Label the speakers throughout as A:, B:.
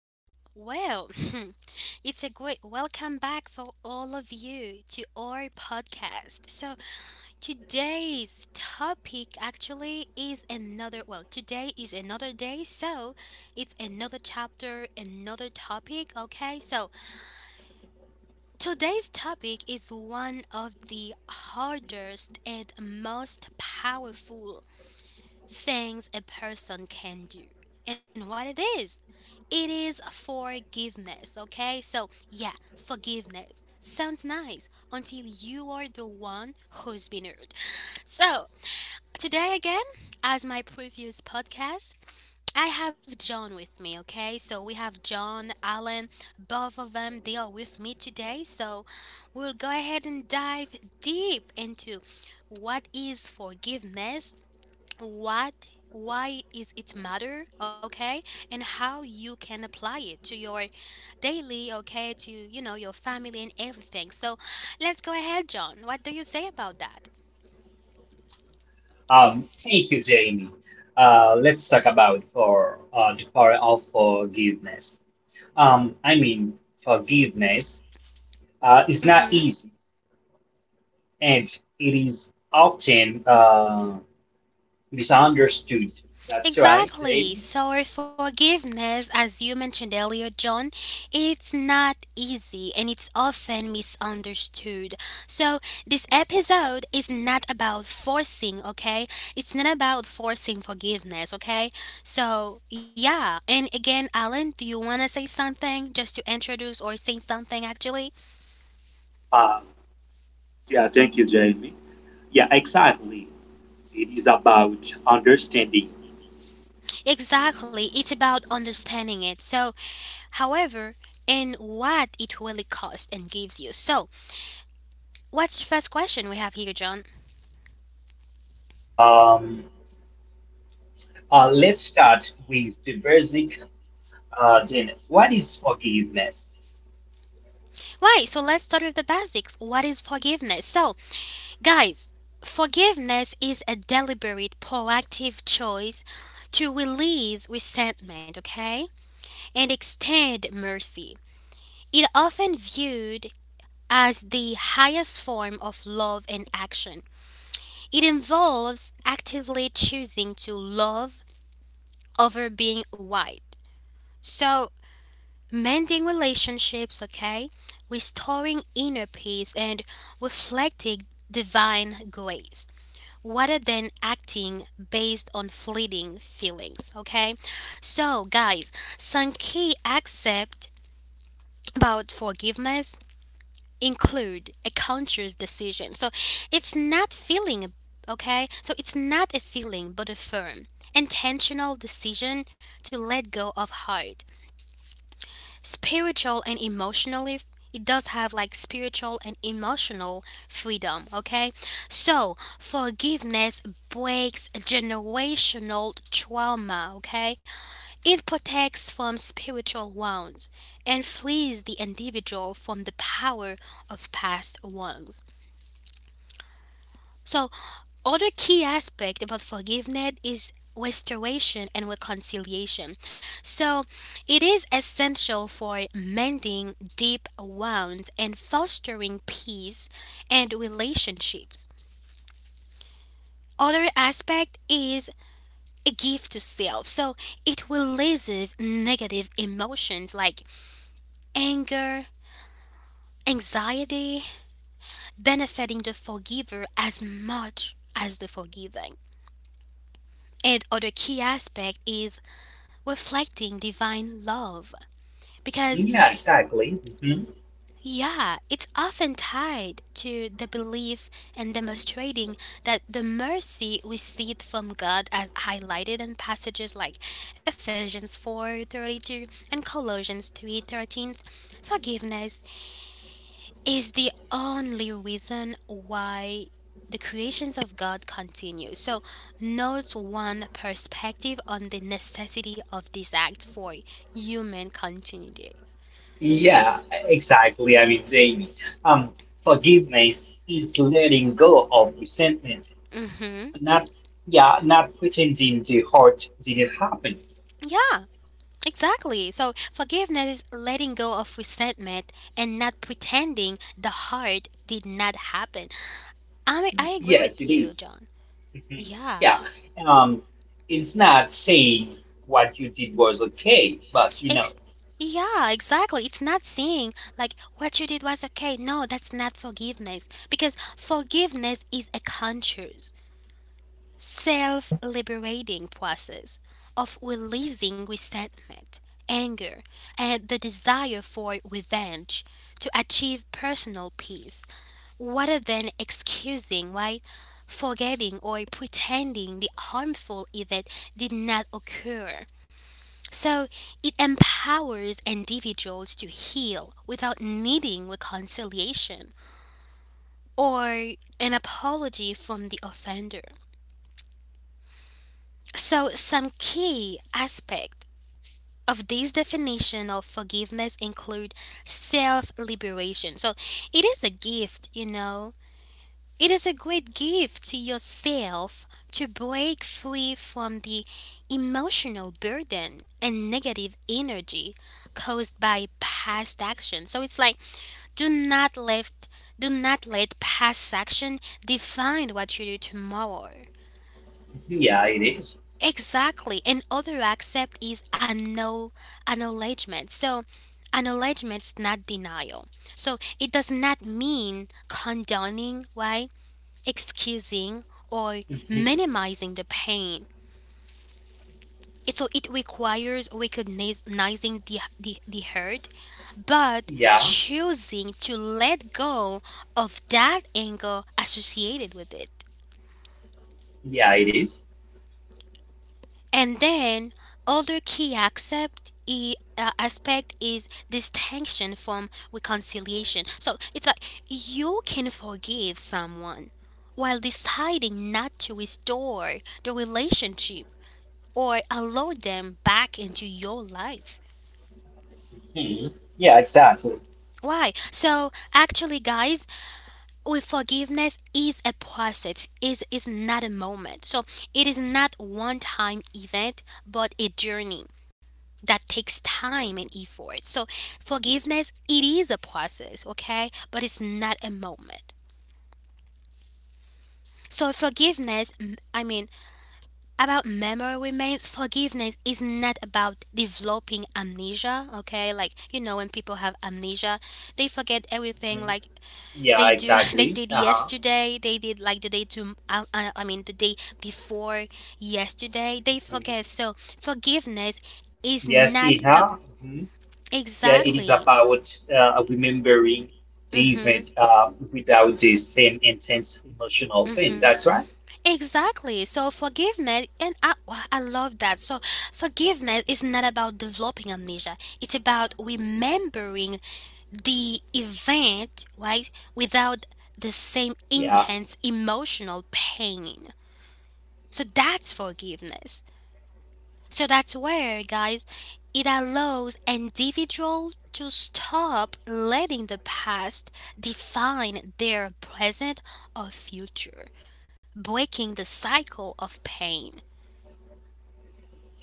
A: again. Well, it's a great welcome back for all of you to our podcast. So, today's topic actually is another, well, today is another day, so it's another chapter, another topic, okay? So, today's topic is one of the hardest and most powerful things a person can do and what it is. It is forgiveness, okay? So, yeah, forgiveness sounds nice until you are the one who's been hurt. So, today again, as my previous podcast, I have John with me, okay? So, we have John, Alan, both of them, they are with me today. So, we'll go ahead and dive deep into what is forgiveness, what why is it matter, okay, and how you can apply it to your daily, okay, to your family and everything. So let's go ahead, John, what do you say about that?
B: Thank you, Jamie. Let's talk about for the power of forgiveness. Um, I mean, Forgiveness is not easy, and it is often misunderstood. That's right, Jamie.
A: Exactly. So, forgiveness, as you mentioned earlier, John, it's not easy and it's often misunderstood. So, this episode is not about forcing, okay? It's not about forcing forgiveness, okay? So, yeah. And again, Alan, do you want to say something just to introduce or say something actually?
C: Uh, yeah, thank you, Jamie. Yeah, exactly. It is about understanding.
A: Exactly. It's about understanding it. So, however, and what it really costs and gives you. So, what's your first question we have here, John?
B: Um, let's start with the basic. Then, what is forgiveness?
A: Why? So let's start with the basics. What is forgiveness? So, guys, forgiveness is a deliberate, proactive choice to release resentment, okay, and extend mercy. It often viewed as the highest form of love and action. It involves actively choosing to love over being right. So, mending relationships, okay, restoring inner peace, and reflecting divine grace rather than acting based on fleeting feelings, okay? So, guys, some key accept about forgiveness include a conscious decision. So, it's not feeling, okay? So, it's not a feeling but a firm intentional decision to let go of hurt spiritual and emotionally. It does have like spiritual and emotional freedom, okay. So forgiveness breaks generational trauma, okay. It protects from spiritual wounds and frees the individual from the power of past wrongs. So other key aspect about forgiveness is restoration and reconciliation. So, it is essential for mending deep wounds and fostering peace and relationships. Other aspect is a gift to self. So, it releases negative emotions like anger, anxiety, benefiting the forgiver as much as the forgiving. And other key aspect is reflecting divine love, because
B: Yeah, exactly.
A: yeah, it's often tied to the belief and demonstrating that the mercy received from God, as highlighted in passages like Ephesians 4:32 and Colossians 3:13. Forgiveness is the only reason why the creations of God continue, so note one perspective on the necessity of this act for human continuity.
B: Yeah, exactly. I mean, Jamie, um, forgiveness is letting go of resentment,
A: Mm-hmm.
B: not, yeah, not pretending the hurt didn't happen.
A: Yeah, exactly. So forgiveness is letting go of resentment and not pretending the hurt did not happen. I agree
B: Yes,
A: with
B: it
A: you,
B: is.
A: John.
B: Mhm.
A: Yeah.
B: Yeah, um, it's not saying what you did was okay, but
A: Ex- yeah, exactly. It's not saying like what you did was okay. No, that's not forgiveness, because forgiveness is a conscious, self liberating process of releasing resentment, anger, and the desire for revenge to achieve personal peace, rather than excusing, right? Forgetting or pretending the harmful event did not occur. So it empowers individuals to heal without needing reconciliation or an apology from the offender. So, some key aspect of this definition of forgiveness include self-liberation. So, it is a gift. It is a great gift to yourself to break free from the emotional burden and negative energy caused by past action. So, it's like do not let do not let past action define what you do tomorrow.
B: yeah, it is.
A: Exactly. And other accept is acknowledgement. So acknowledgement's not denial. So it does not mean condoning, right? Excusing or
B: Mhm.
A: minimizing the pain. So it requires recognizing the hurt, but
B: Yeah,
A: choosing to let go of that anger associated with it.
B: yeah, it is.
A: And then other key accept aspect is distinction from reconciliation. So it's like you can forgive someone while deciding not to restore the relationship or allow them back into your life.
B: Mhm. Yeah, exactly.
A: Why? So actually guys, with forgiveness is a process, is not a moment. So it is not one time event but a journey that takes time and effort. So forgiveness, it is a process, okay? But it's not a moment. So forgiveness, I mean, about memory remains, forgiveness is not about developing amnesia, okay? Like, when people have amnesia, they forget everything,
B: Mhm.
A: like
B: Yeah,
A: they do, they
B: exactly.
A: did
B: Uh-huh.
A: yesterday, they did like the day I mean, the day before yesterday, they forget.
B: Mhm.
A: So forgiveness is
B: Yes,
A: not
B: it
A: a,
B: has. Yeah, it is
A: exactly.
B: about remembering the
A: Mm-hmm.
B: event without the same intense emotional pain. That's right.
A: Exactly. So forgiveness, and I, wow, I love that. So forgiveness is not about developing amnesia. It's about remembering the event, right, without the same
B: Yeah,
A: intense emotional pain. So that's forgiveness. So that's where, guys, it allows individual to stop letting the past define their present or future, breaking the cycle of pain.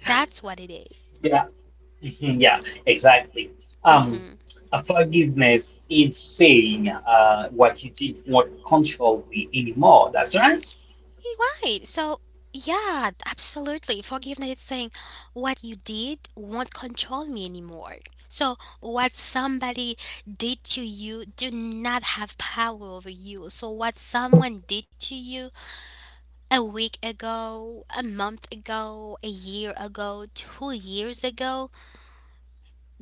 A: That's what it is.
B: yeah, mhm, yeah, exactly. Um,
A: Mm-hmm.
B: a forgiveness is saying what you did not control me anymore. That's right.
A: Right. So, yeah, absolutely. Forgiveness is saying what you did won't control me anymore. So, what somebody did to you do not have power over you. So, what someone did to you a week ago, a month ago, a year ago, 2 years ago,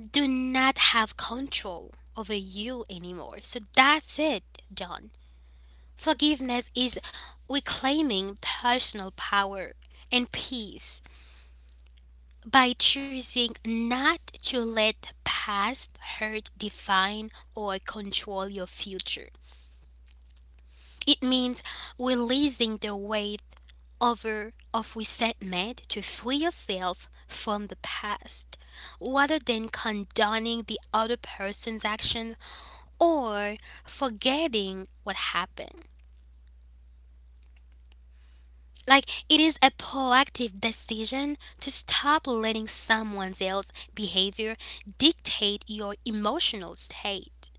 A: do not have control over you anymore. So, that's it, John. Forgiveness is reclaiming personal power and peace by choosing not to let past hurt define or control your future. It means releasing the weight over of resentment to free yourself from the past, rather than condoning the other person's actions or forgetting what happened. Like, it is a proactive decision to stop letting someone else's behavior dictate your emotional state,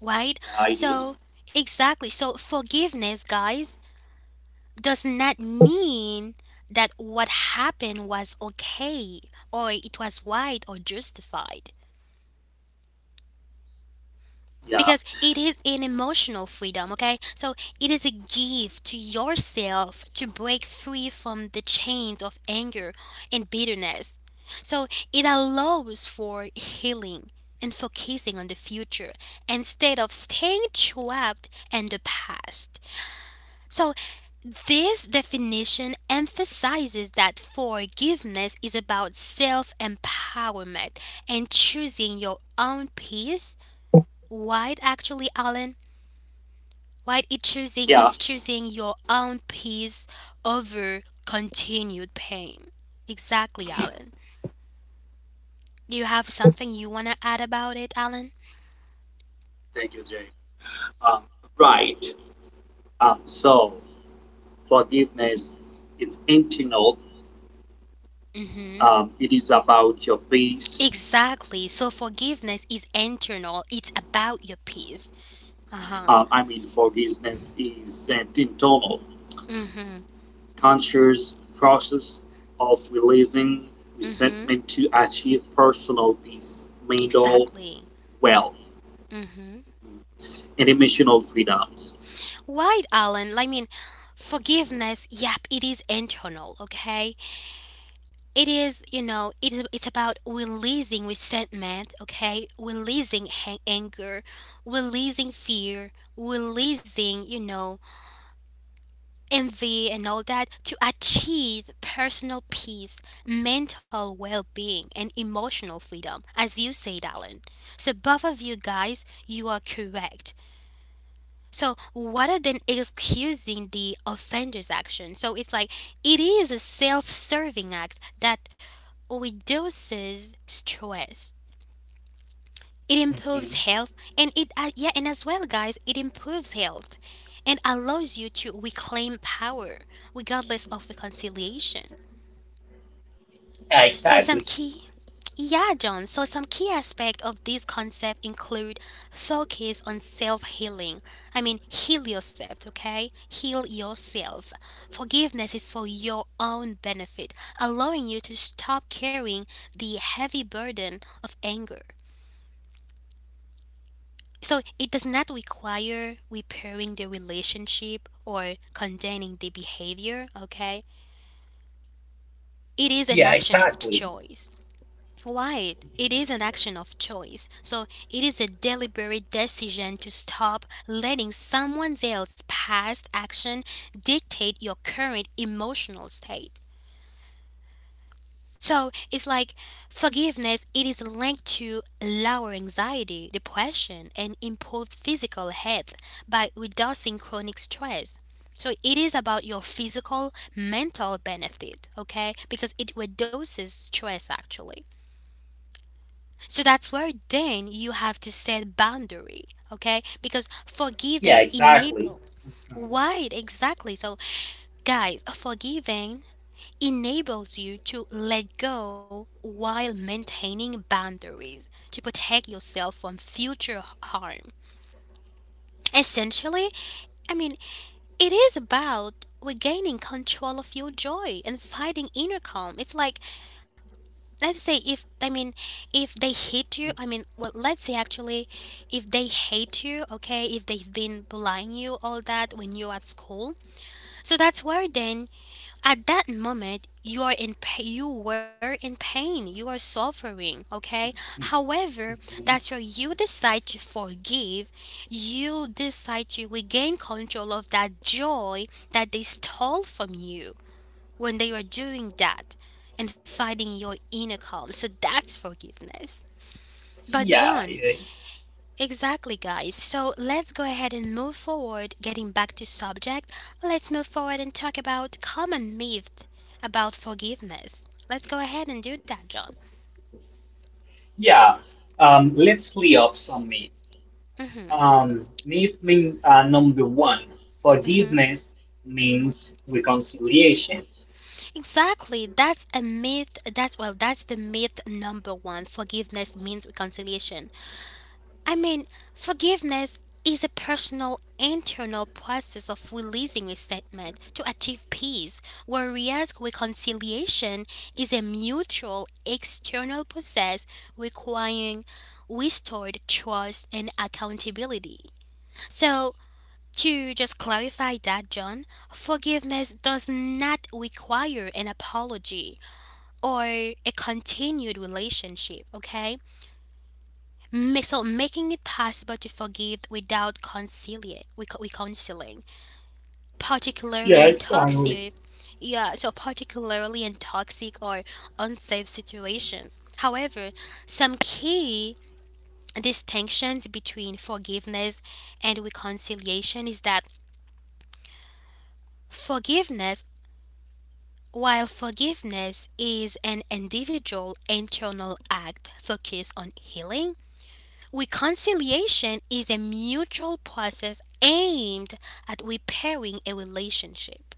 A: right?
C: Yeah, it is.
A: So, exactly. So, forgiveness, guys, does not mean that what happened was okay or it was right or justified,
C: Yeah,
A: because it is an emotional freedom, okay? So it is a gift to yourself to break free from the chains of anger and bitterness. So it allows for healing and focusing on the future instead of staying trapped in the past. So this definition emphasizes that forgiveness is about self empowerment and choosing your own peace. Why, actually, Alan? Why it choosing
C: yeah,
A: it's choosing your own peace over continued pain. Exactly, Alan. Do you have something you wanna add about it, Alan?
C: thank you, Jamie. Um, right. Um, so, Forgiveness is internal.
A: Mm-hmm.
C: It is about your peace.
A: Exactly. So forgiveness is internal. It's about your peace. Uh-huh.
C: Forgiveness is an internal,
A: Mm-hmm.
C: conscious process of releasing
A: Mm-hmm.
C: resentment to achieve personal peace, mental
A: Exactly.
C: well,
A: Mm-hmm.
C: and emotional freedoms.
A: Right, Alan. I mean, forgiveness, yep, it is internal, okay? It is, you know, it is, it's about releasing resentment, okay? Releasing anger, releasing fear, releasing, envy and all that to achieve personal peace, mental well being, and emotional freedom, as you said, Alan. So, both of you guys, you are correct. So, rather than excusing the offender's action, so it's like it is a self serving act that reduces stress.
B: In to-
A: It
B: mhm,
A: improves health, and it, yeah, and as well, guys, it improves health, and allows you to reclaim power regardless of reconciliation.
B: yeah,
A: So some
B: exactly.
A: key, yeah, John. So some key aspects of this concept include focus on self-healing. I mean, heal yourself, okay? Heal yourself. Forgiveness is for your own benefit, allowing you to stop carrying the heavy burden of anger. So it does not require repairing the relationship or condoning the behavior, okay? It is
B: Yeah,
A: an action of
B: exactly.
A: choice. Right, it is an action of choice. So it is a deliberate decision to stop letting someone else's past action dictate your current emotional state. So it's like forgiveness, it is linked to lower anxiety, depression, and improved physical health by reducing chronic stress. So it is about your physical, mental benefit, okay? Because it reduces stress actually. So that's where then you have to set boundary, okay? Because
B: Yeah,
A: forgiving
B: exactly.
A: enable. Right, exactly. So guys, forgiving enables you to let go while maintaining boundaries to protect yourself from future harm. Essentially, I mean, it is about regaining control of your joy and finding inner calm. It's like, let's say, if I mean, if they hate you, I mean, well, let's say actually, if they hate you, okay, if they've been bullying you, all that when you're at school, so that's where then at that moment you were in pain, you are suffering, okay.
B: Mhm,
A: However, that's
B: mhm,
A: why you decide to forgive, you decide to regain control of that joy that they stole from you when they were doing that, and finding your inner calm. So that's forgiveness, but
B: yeah,
A: John,
B: it is.
A: exactly, guys. So let's go ahead and move forward. Getting back to subject, let's move forward and talk about common myth about forgiveness. Let's go ahead and do that, John.
B: Yeah. Let's clear up some myth.
A: Mhm.
B: Need mean Number one,
A: Mhm.
B: forgiveness means reconciliation.
A: Exactly. That's a myth. That's well, that's the myth number one. Forgiveness means reconciliation. I mean, forgiveness is a personal, internal process of releasing resentment to achieve peace, whereas reconciliation is a mutual, external process requiring restored trust and accountability. So, to just clarify that, John, forgiveness does not require an apology or a continued relationship, okay? So making it possible to forgive without conciliate, we particularly
B: Yeah,
A: in
B: exactly.
A: toxic, yeah, so particularly in toxic or unsafe situations. However, some key distinctions between forgiveness and reconciliation is that forgiveness while forgiveness is an individual internal act focused on healing. Reconciliation is a mutual process aimed at repairing a relationship.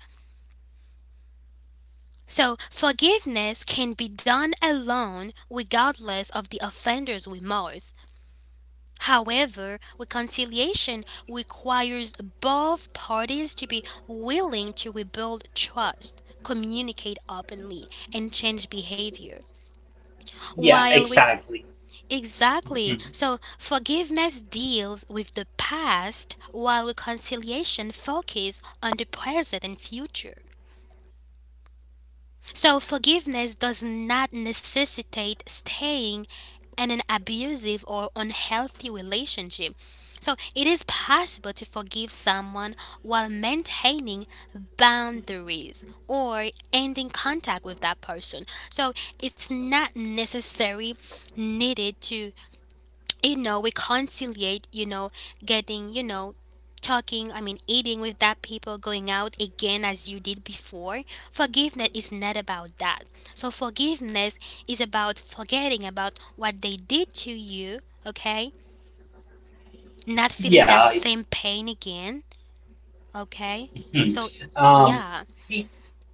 A: So, forgiveness can be done alone regardless of the offender's remorse. However, reconciliation requires both parties to be willing to rebuild trust, communicate openly, and change behavior.
B: Yeah,
A: While
B: exactly.
A: Exactly.
B: Mhm.
A: So forgiveness deals with the past while reconciliation focuses on the present and future. So forgiveness does not necessitate staying in an abusive or unhealthy relationship. So it is possible to forgive someone while maintaining boundaries or ending contact with that person. So it's not necessary needed to we conciliate, getting, talking, I mean, eating with that people, going out again as you did before. Forgiveness is not about that. So forgiveness is about forgetting about what they did to you. Okay? Not feeling
B: Yeah.
A: that same pain again. Okay,
B: Mhm.
A: so
B: Um,
A: yeah.
B: see,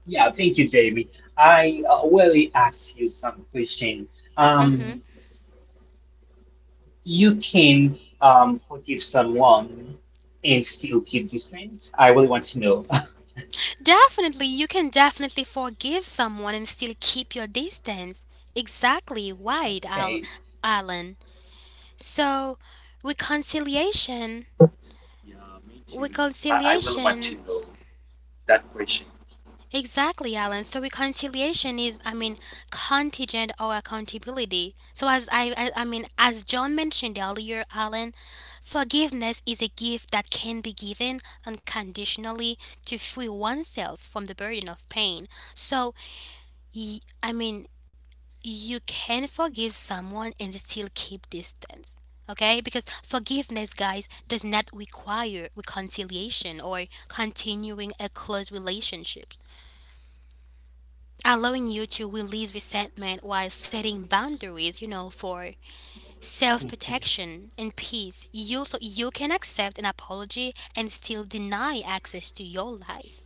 B: yeah, thank you, Jamie. I really ask you some question.
A: Mm-hmm.
B: Um, you can forgive someone and still keep distance? I really want to know.
A: Definitely, you can definitely forgive someone and still keep your distance. Exactly, right, Al-
B: Okay.
A: alan So, reconciliation,
C: Yeah, me too. I really want to
A: reconciliation,
C: know that question.
A: exactly, Alan. So, reconciliation is, I mean, contingent or accountability. So, I mean, as John mentioned earlier, Alan, forgiveness is a gift that can be given unconditionally to free oneself from the burden of pain. So, I mean, you can forgive someone and still keep distance. Okay? Because forgiveness, guys, does not require reconciliation or continuing a close relationship. Allowing you to release resentment while setting boundaries, for self protection and peace. You so you can accept an apology and still deny access to your life.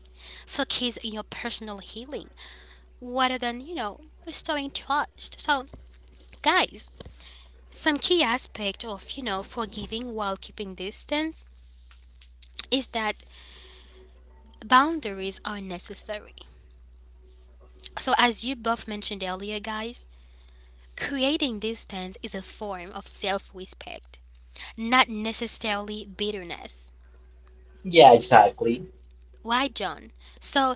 A: Focus on your personal healing rather than, restoring trust. So guys, some key aspect of, forgiving while keeping distance is that boundaries are necessary. So as you both mentioned earlier, guys, creating distance is a form of self-respect, not necessarily bitterness.
B: Yeah, exactly.
A: Why, John? So,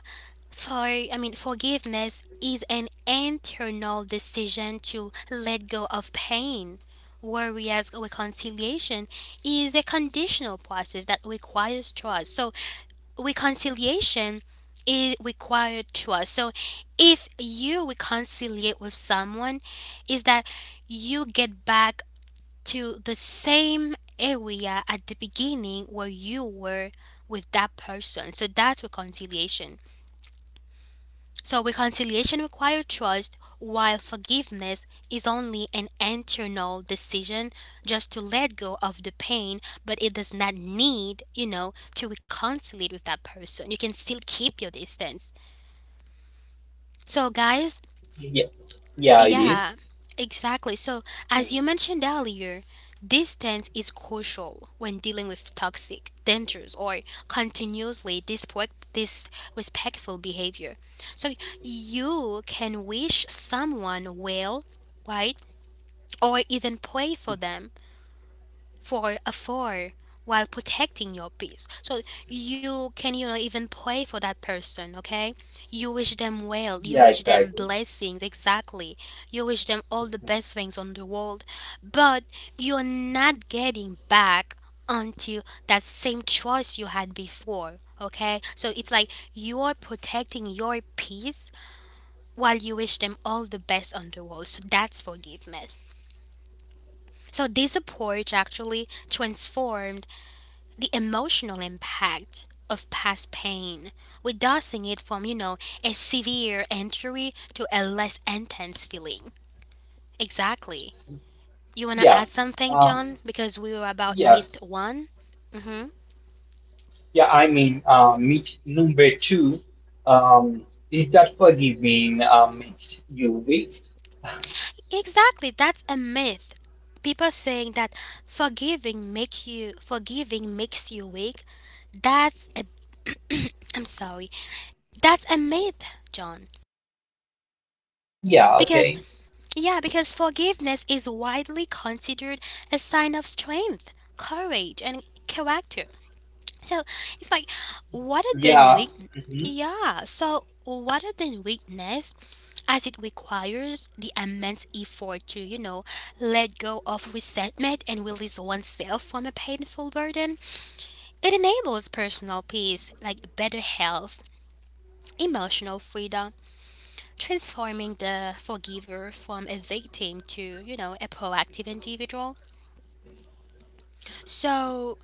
A: for I mean, forgiveness is an internal decision to let go of pain, whereas reconciliation is a conditional process that requires trust. So, reconciliation is required trust. So if you reconciliate with someone, is that you get back to the same area at the beginning where you were with that person. So that's reconciliation. So reconciliation requires trust, while forgiveness is only an internal decision just to let go of the pain, but it does not need, to reconcile with that person. You can still keep your distance. So, guys,
B: Yeah, yeah, it is.
A: yeah, exactly. So, as you mentioned earlier, distance is crucial when dealing with toxic, dangerous, or continuously disrespectful behavior. So, you can wish someone well, right? Or even pray for them for a for, while protecting your peace. So you can, even pray for that person, okay? You wish them well, you
B: Yeah,
A: wish them
B: exactly.
A: blessings, exactly. You wish them all the best things on the world, but you're not getting back until that same choice you had before, okay? So it's like you're protecting your peace while you wish them all the best on the world. So that's forgiveness. So this approach actually transformed the emotional impact of past pain, reducing it from, a severe injury to a less intense feeling. Exactly. You want to
B: Yeah.
A: add something,
B: Um,
A: John? Because we were about
B: yes.
A: myth one? Hmm.
B: Meet number two. Um, is that forgiving makes you weak?
A: Exactly. That's a myth. People saying that forgiving makes you weak. That's a I'm sorry. That's a myth, John.
B: Yeah,
A: Because,
B: okay.
A: yeah, because forgiveness is widely considered a sign of strength, courage, and character. So it's like, rather than
B: Yeah.
A: weak,
B: Hmm.
A: yeah, so rather than weakness, as it requires the immense effort to, let go of resentment and release oneself from a painful burden. It enables personal peace, like better health, emotional freedom, transforming the forgiver from a victim to, a proactive individual. So,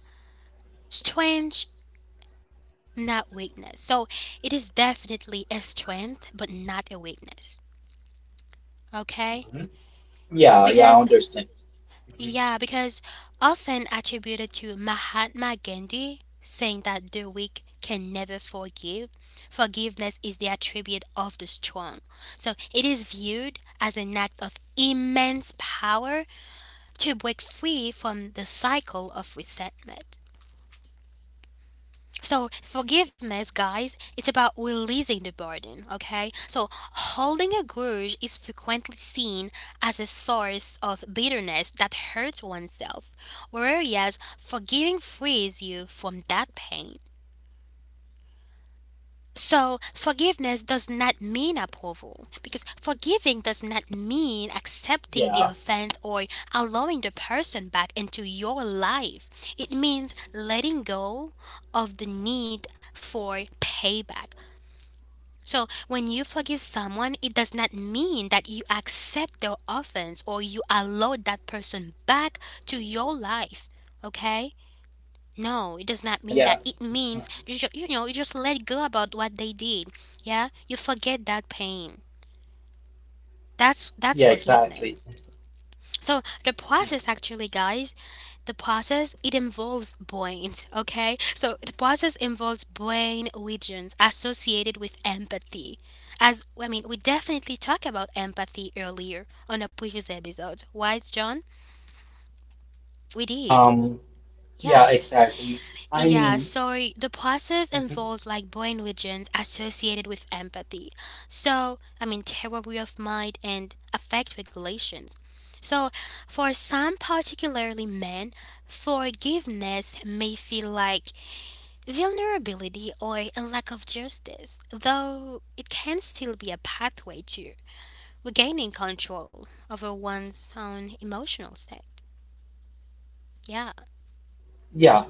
A: strength, not weakness. So, it is definitely a strength, but not a weakness. Okay?
B: Hmm. Yeah, yeah, I
A: Because,
B: understand. Mhm.
A: yeah, because often attributed to Mahatma Gandhi, saying that the weak can never forgive. Forgiveness is the attribute of the strong. So, it is viewed as an act of immense power to break free from the cycle of resentment. So, forgiveness, guys, it's about releasing the burden, okay? So, holding a grudge is frequently seen as a source of bitterness that hurts oneself, whereas forgiving frees you from that pain. So, forgiveness does not mean approval, because forgiving does not mean accepting the
B: Yeah,
A: offense or allowing the person back into your life. It means letting go of the need for payback. So, when you forgive someone, it does not mean that you accept their offense or you allow that person back to your life. Okay? No, it does not
B: yeah,
A: mean
B: yeah.
A: that. It
B: Mhm.
A: means you just let go about what they did. Yeah, you forget that pain. That's
B: Yeah,
A: forgiveness.
B: exactly.
A: So the
B: Mhm.
A: process actually, guys, the process it involves brains. Okay, so the process involves brain regions associated with empathy. As I mean, we definitely talked about empathy earlier on a previous episode, right, John? We did.
B: Um,
A: Yeah.
B: yeah, exactly. I
A: Yeah,
B: mean,
A: so the process
B: mhm.
A: involves like brain regions associated with empathy. So, I mean, theory of mind and affect regulations. So, for some, particularly men, forgiveness may feel like vulnerability or a lack of justice, though it can still be a pathway to regaining control over one's own emotional state. Yeah.
B: yeah,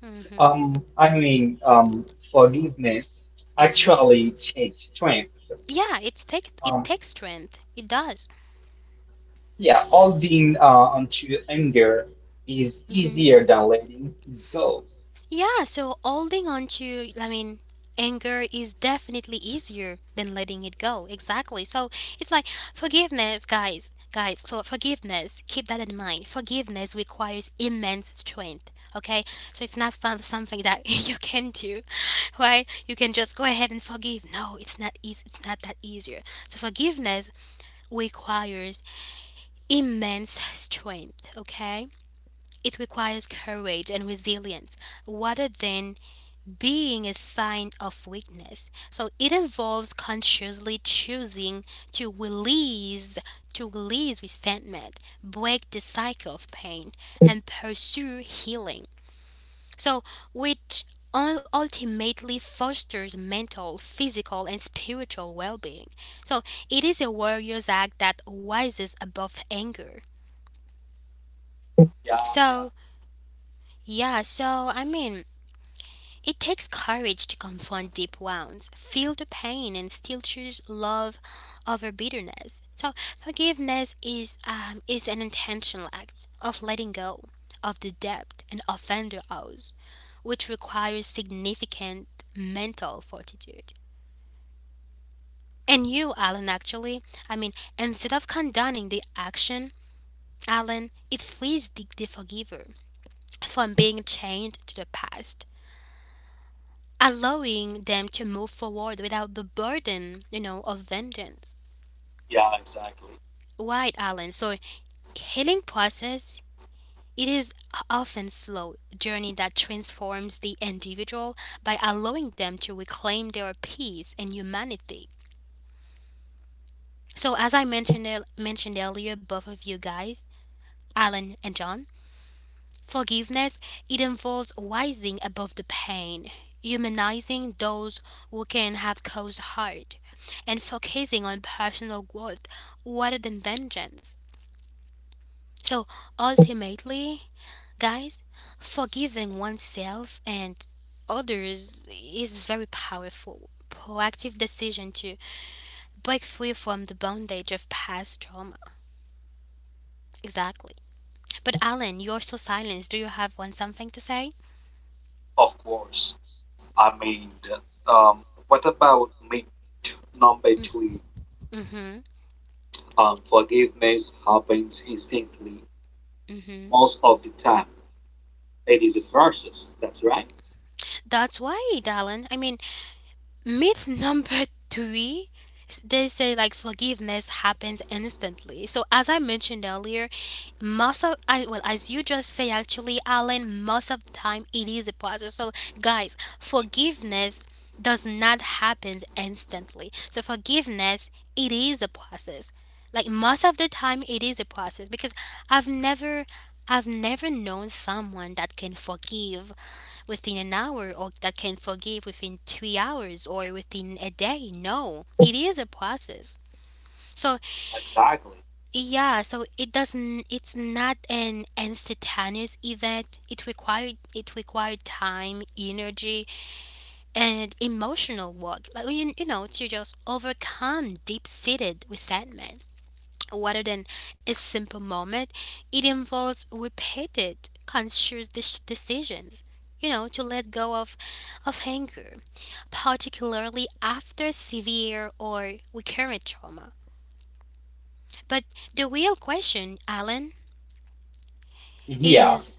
A: Mm-hmm.
B: um, I mean, um, Forgiveness
A: Mm-hmm.
B: actually takes strength.
A: Yeah, it's take it
B: Um.
A: takes strength. It does.
B: Yeah, holding onto anger is
A: Hmm.
B: easier than letting it go.
A: Yeah, so holding on to, I mean, anger is definitely easier than letting it go. Exactly. So it's like forgiveness, guys. So forgiveness, keep that in mind. Forgiveness requires immense strength. Okay, so it's not fun, something that you can do, right? You can just go ahead and forgive. No, it's not easy. It's not that easier. So forgiveness requires immense strength. Okay, it requires courage and resilience rather than being a sign of weakness. So it involves consciously choosing to release to release resentment, break the cycle of pain, and pursue healing. So which ultimately fosters mental, physical, and spiritual well-being. So it is a warrior's act that rises above anger.
C: Yeah, yeah,
A: So yeah, so I mean, it takes courage to confront deep wounds, feel the pain, and still choose love over bitterness. So, forgiveness is, an intentional act of letting go of the debt an offender owes, which requires significant mental fortitude. And you, Alan, actually, I mean, instead of condoning the action, Alan, it frees the forgiver from being chained to the past, allowing them to move forward without the burden, of vengeance.
C: yeah, exactly.
A: Right, Alan. So healing process it is often slow journey that transforms the individual by allowing them to reclaim their peace and humanity. So as I mentioned mentioned earlier, both of you guys, Alan and John, forgiveness, it involves rising above the pain, humanizing those who can have caused hurt, and focusing on personal growth rather than vengeance. So ultimately, guys, forgiving oneself and others is very powerful proactive decision to break free from the bondage of past trauma. Exactly. But Alan, you're so silenced. Do you have one something to say?
C: Of course. I mean, um, what about myth number three?
A: Mm-hmm.
C: Forgiveness happens instantly
A: Mm-hmm.
C: most of the time. It is a process. That's right.
A: That's why, darling. I mean, myth number three, they say like forgiveness happens instantly. So as I mentioned earlier, most of I well, as you just say actually, Alan, most of the time it is a process. So guys, forgiveness does not happen instantly. So forgiveness it is a process. Like most of the time it is a process because I've never I've never known someone that can forgive within an hour or that can forgive within 3 hours or within a day. No, it is a process. So
C: Exactly.
A: yeah, so it doesn't. It's not an instantaneous event. It required time, energy, and emotional work. Like to just overcome deep seated resentment. Rather than a simple moment, it involves repeated conscious decisions. You know, to let go of anger, particularly after severe or recurrent trauma. But the real question, Alan,
B: Yeah,
A: is,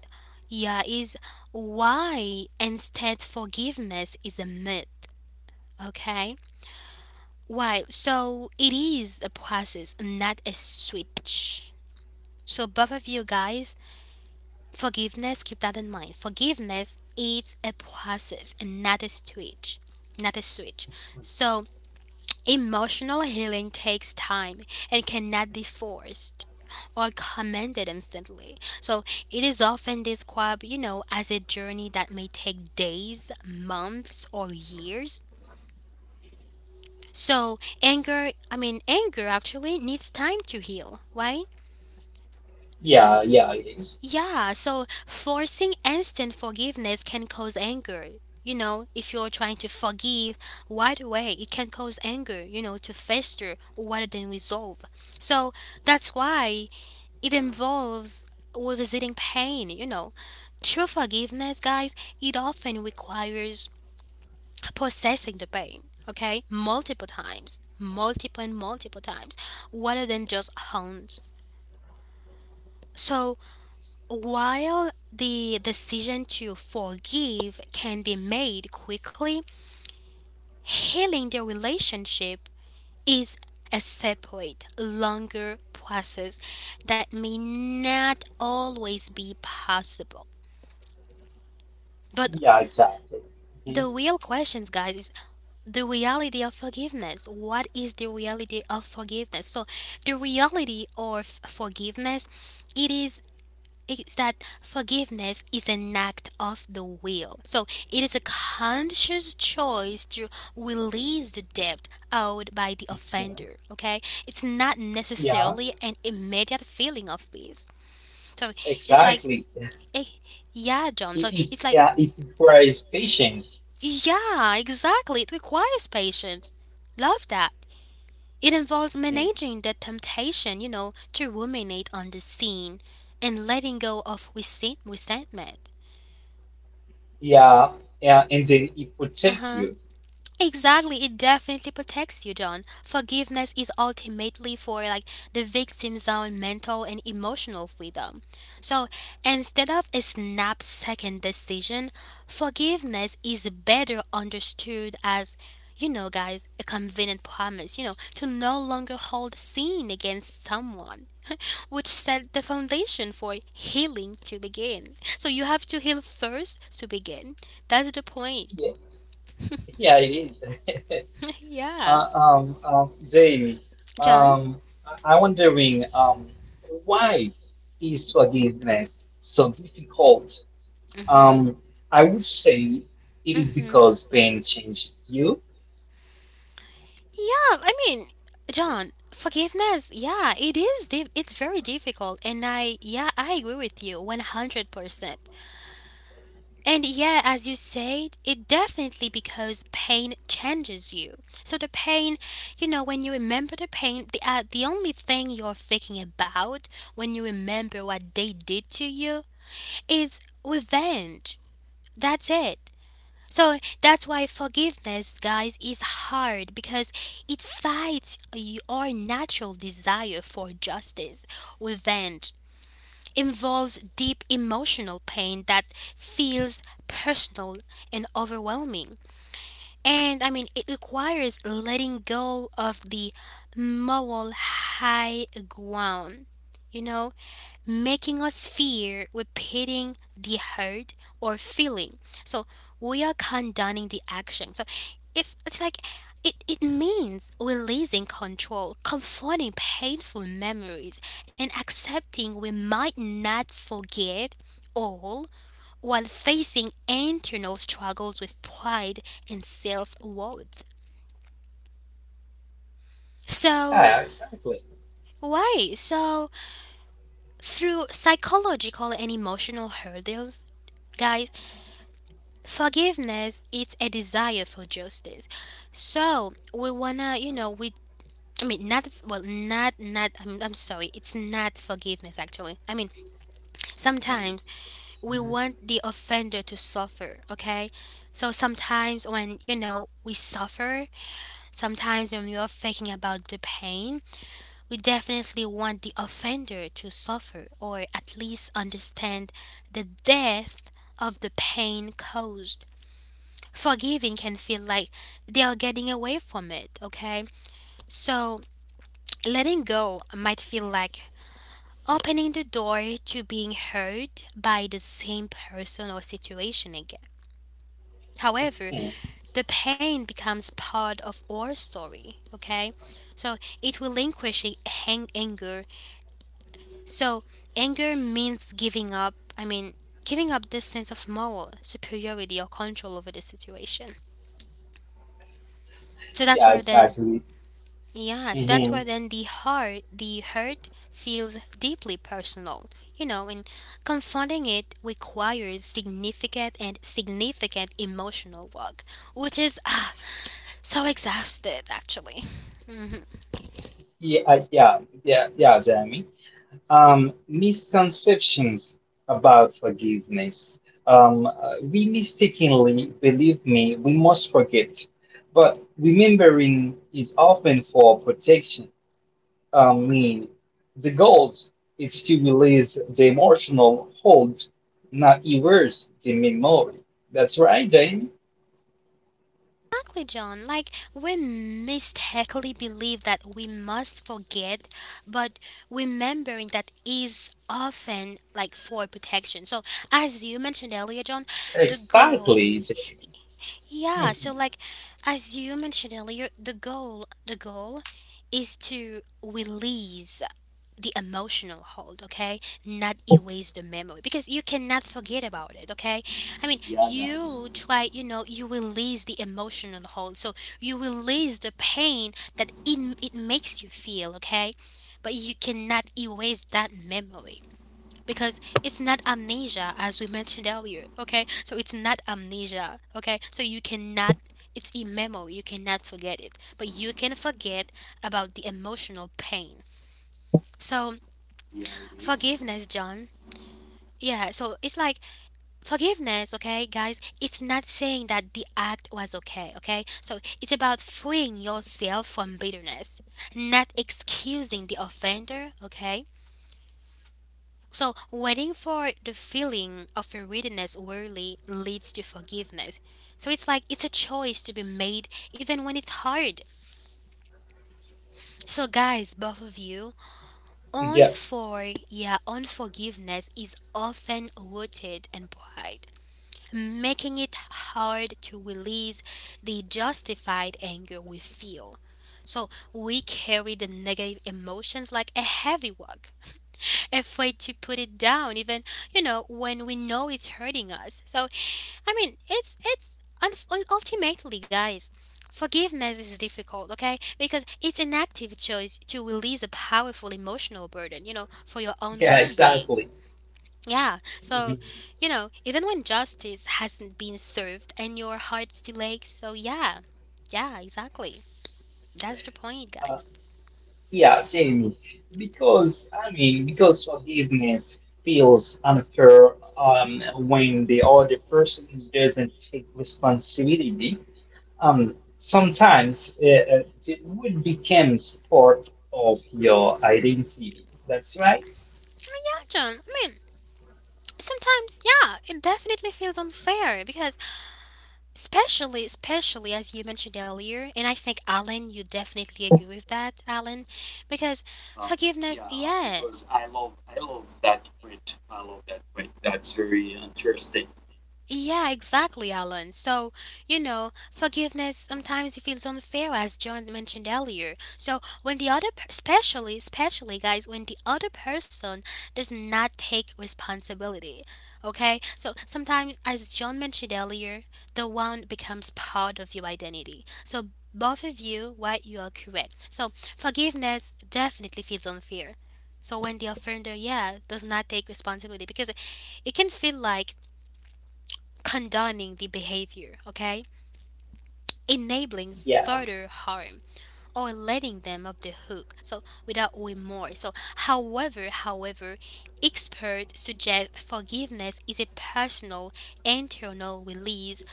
A: yeah, is why instead forgiveness is a myth, okay? Why? So it is a process, not a switch. So both of you guys, forgiveness, keep that in mind. Forgiveness is a process and not a switch. Not a switch. So emotional healing takes time and cannot be forced or commanded instantly. So it is often described, as a journey that may take days, months, or years. So anger actually needs time to heal, right?
B: yeah, yeah, it is.
A: Yeah, so forcing instant forgiveness can cause anger. If you're trying to forgive right away, it can cause anger, to fester rather than resolve. So that's why it involves revisiting pain. True forgiveness, guys, it often requires processing the pain, okay? Multiple times, multiple and multiple times, rather than just hones. So, while the decision to forgive can be made quickly, healing the relationship is a separate, longer process that may not always be possible. But
B: Yeah, exactly.
A: the
B: Mhm,
A: real questions, guys, is the reality of forgiveness. What is the reality of forgiveness? So, the reality of forgiveness, it is that forgiveness is an act of the will. So it is a conscious choice to release the debt owed by the
B: mhm.
A: offender. Okay, it's not
B: Yeah,
A: necessarily an immediate feeling of peace. So it's like,
B: exactly.
A: eh, yeah, John. So it's like,
B: Yeah, it requires patience.
A: yeah, exactly. It requires patience. Love that. It involves
B: Mhm.
A: managing the temptation, you know, to ruminate on the scene and letting go of resentment.
B: Yeah, yeah, and then it
A: Uh
B: protects
A: huh.
B: you.
A: Exactly, it definitely protects you, John. Forgiveness is ultimately for like the victim's own mental and emotional freedom. So instead of a snap second decision, forgiveness is better understood as, guys, a convenient promise, to no longer hold sin against someone, which set the foundation for healing to begin. So you have to heal first to begin. That's the point.
B: Yeah, yeah, it is.
A: Yeah.
B: Jamie,
A: John?
B: I'm wondering, why is forgiveness so difficult?
A: Mhm.
B: Um, I would say it is
A: Mhm.
B: because pain changed you.
A: Yeah, I mean, John, forgiveness, yeah, it is it's very difficult, and I yeah, I agree with you 100%. And yeah, as you said, it definitely because pain changes you. So the pain, you know, when you remember the pain, the only thing you're thinking about when you remember what they did to you is revenge. That's it. So that's why forgiveness, guys, is hard because it fights your natural desire for justice. Revenge involves deep emotional pain that feels personal and overwhelming. And I mean, it requires letting go of the moral high ground, you know, making us fear repeating the hurt or feeling. So we are condoning the action. So it's like it means releasing control, confronting painful memories, and accepting we might not forget all while facing internal struggles with pride and self worth. So,
B: Yeah, exactly.
A: why? So, through psychological and emotional hurdles, guys, forgiveness, it's a desire for justice. So we wanna, you know, we. I mean, not well, not. I'm sorry. It's not forgiveness, actually. I mean, sometimes we want the offender to suffer. Okay, so sometimes when you know we suffer, sometimes when we are thinking about the pain, we definitely want the offender to suffer, or at least understand the depth of the pain caused. Forgiving can feel like they are getting away from it, okay? So letting go might feel like opening the door to being hurt by the same person or situation again. However,
B: Mhm.
A: the pain becomes part of our story, okay? So it relinquishing anger. So anger means giving up, I mean, giving up this sense of moral superiority or control over the situation. So that's
B: Yeah,
A: where then.
B: exactly. Hmm.
A: The hurt feels deeply personal, you know, and confronting it requires significant emotional work, which is so exhausted actually. Mhm.
B: Yeah, yeah, yeah, Jeremy. Misconceptions about forgiveness. We mistakenly believe me, we must forget, but remembering is often for protection. Um, the goal is to release the emotional hold, not erase the memory. That's right, Jamie.
A: Exactly, John. Like, we mistakenly believe that we must forget, but remembering that is often like for protection. So, as you mentioned earlier, John, the goal
B: Exactly, Jamie.
A: yeah,
B: Mhm.
A: so like as you mentioned earlier, the goal is to release the emotional hold, okay? Not erase the memory, because you cannot forget about it, okay? I mean,
C: Yeah, guys.
A: you try, you know, you release the emotional hold. So you release the pain that it makes you feel, okay? But you cannot erase that memory, because it's not amnesia, as we mentioned earlier, okay? So it's not amnesia, okay? So you cannot, it's a memory, you cannot forget it, but you can forget about the emotional pain. So
C: Yeah, it is.
A: forgiveness, John. Yeah, so it's like forgiveness, okay, guys, it's not saying that the act was okay, okay? So it's about freeing yourself from bitterness, not excusing the offender, okay? So, waiting for the feeling of forgiveness rarely leads to forgiveness. So, it's like it's a choice to be made even when it's hard. So, guys, both of you,
B: Yeah,
A: yeah, unforgiveness is often rooted in pride, making it hard to release the justified anger we feel. So, we carry the negative emotions like a heavy work, afraid to put it down, even, you know, when we know it's hurting us. So, I mean, it's ultimately, guys, forgiveness is difficult, okay, because it's an active choice to release a powerful emotional burden, you know, for your own
B: yeah,
A: well-being.
B: exactly.
A: Yeah,
B: Mhm.
A: so, you know, even when justice hasn't been served and your heart still aches. So yeah, yeah, exactly, that's the point,
B: Uh,
A: guys.
B: yeah, Jamie. Because forgiveness feels unfair um, when the other person doesn't take responsibility. It would become part of your identity. That's right.
A: Oh, yeah, John, I mean, sometimes, yeah, it definitely feels unfair because especially as you mentioned earlier, and I think, Alan, you definitely agree with that, Alan, because
C: Um,
A: forgiveness,
C: yeah,
A: yeah.
C: because I love that point. I love that point. That's very interesting.
A: Yeah, exactly, Alan. So, you know, forgiveness sometimes it feels unfair, as John mentioned earlier. So, when the other, especially, guys, when the other person does not take responsibility, okay? So, sometimes, as John mentioned earlier, the wound becomes part of your identity. So, both of you, right, you are correct. So, forgiveness definitely feels unfair. So, when the offender, yeah, does not take responsibility, because it can feel like condoning the behavior, okay? Enabling
B: Yeah.
A: further harm or letting them off the hook. So without remorse. So however, experts suggest forgiveness is a personal internal release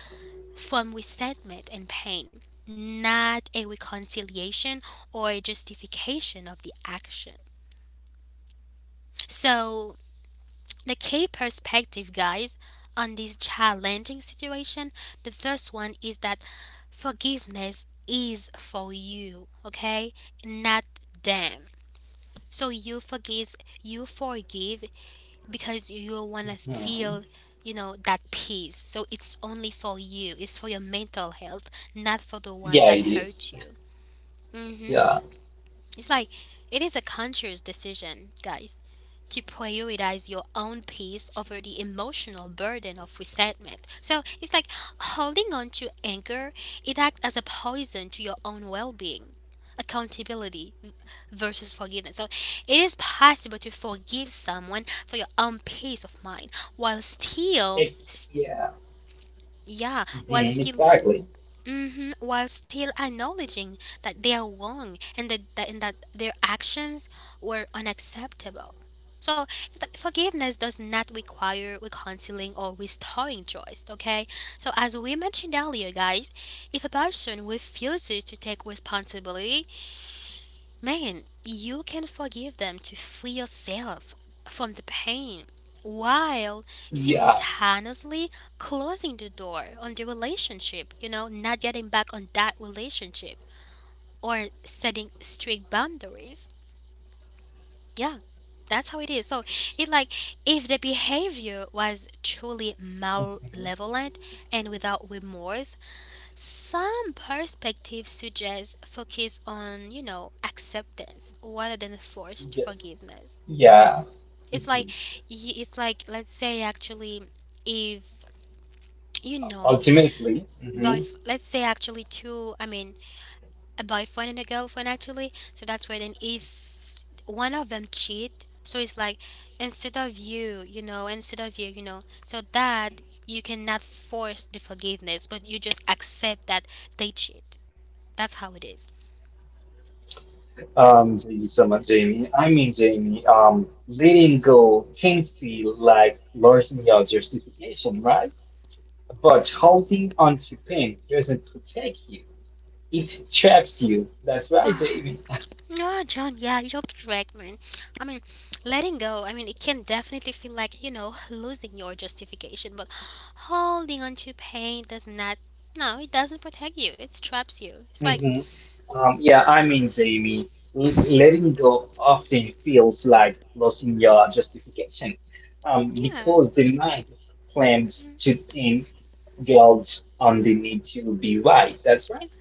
A: from resentment and pain, not a reconciliation or a justification of the action. So, the key perspective, guys, on this challenging situation, the first one is that forgiveness is for you, okay? Not them. So you forgive because you want to
B: Mhm.
A: feel, you know, that peace. So it's only for you. It's for your mental health, not for the one
B: Yeah, it
A: that
B: is.
A: hurt you. Mhm.
B: Yeah.
A: It's like it is a conscious decision, guys, to prioritize your own peace over the emotional burden of resentment. So it's like holding on to anger, it acts as a poison to your own well being. Accountability versus forgiveness. So it is possible to forgive someone for your own peace of mind while still,
B: It's yeah.
A: yeah, while
B: Mhm,
A: still
B: exactly.
A: hmm while still acknowledging that they are wrong, and that their actions were unacceptable. So it's like forgiveness does not require reconciling or restoring choice, okay? So as we mentioned earlier, guys, if a person refuses to take responsibility, man, you can forgive them to free yourself from the pain while
B: Yeah.
A: simultaneously closing the door on the relationship, you know, not getting back on that relationship, or setting strict boundaries. Yeah, that's how it is. So it like if the behavior was truly
B: Mhm.
A: malevolent and without remorse, some perspectives suggest focus on, you know, acceptance rather than forced
B: Yeah.
A: forgiveness.
B: Yeah.
A: It's like
B: Mhm.
A: it's like let's say actually, if, you know,
B: Ultimately,
A: by,
B: mhm,
A: let's say actually, two, I mean, a boyfriend and a girlfriend, actually. So that's where then if one of them cheat, so it's like, instead of you you know instead of you you know, so that you cannot force the forgiveness, but you just accept that they cheat. That's how it is.
B: um, someone, Jamie, I mean Jamie, letting go can feel like losing your justification, right? But holding on to pain doesn't protect you. It traps you. That's right,
A: Ah,
B: Jamie.
A: no, John, yeah, you're correct, man. I mean, letting go, I mean, it can definitely feel like, you know, losing your justification, but holding on to pain does not, no, it doesn't protect you, it traps you. It's like,
B: Hmm. Jamie, letting go often feels like losing your justification
A: yeah,
B: because the mind claims to pin guilt on the need to be right. That's right.
A: ex-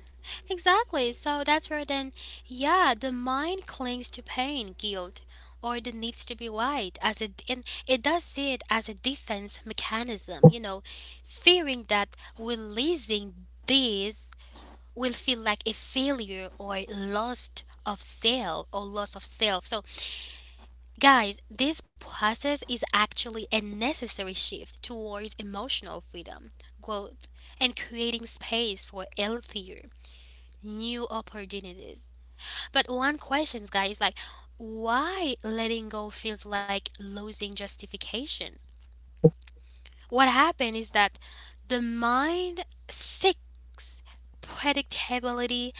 A: exactly. So that's where then, yeah, the mind clings to pain, guilt, or the needs to be right, as it, and it does see it as a defense mechanism, you know, fearing that releasing these will feel like a failure or lost of self or loss of self. So, guys, this process is actually a necessary shift towards emotional freedom, growth, and creating space for healthier new opportunities. But one question, guys, like why letting go feels like losing justifications? What happened is that the mind seeks predictability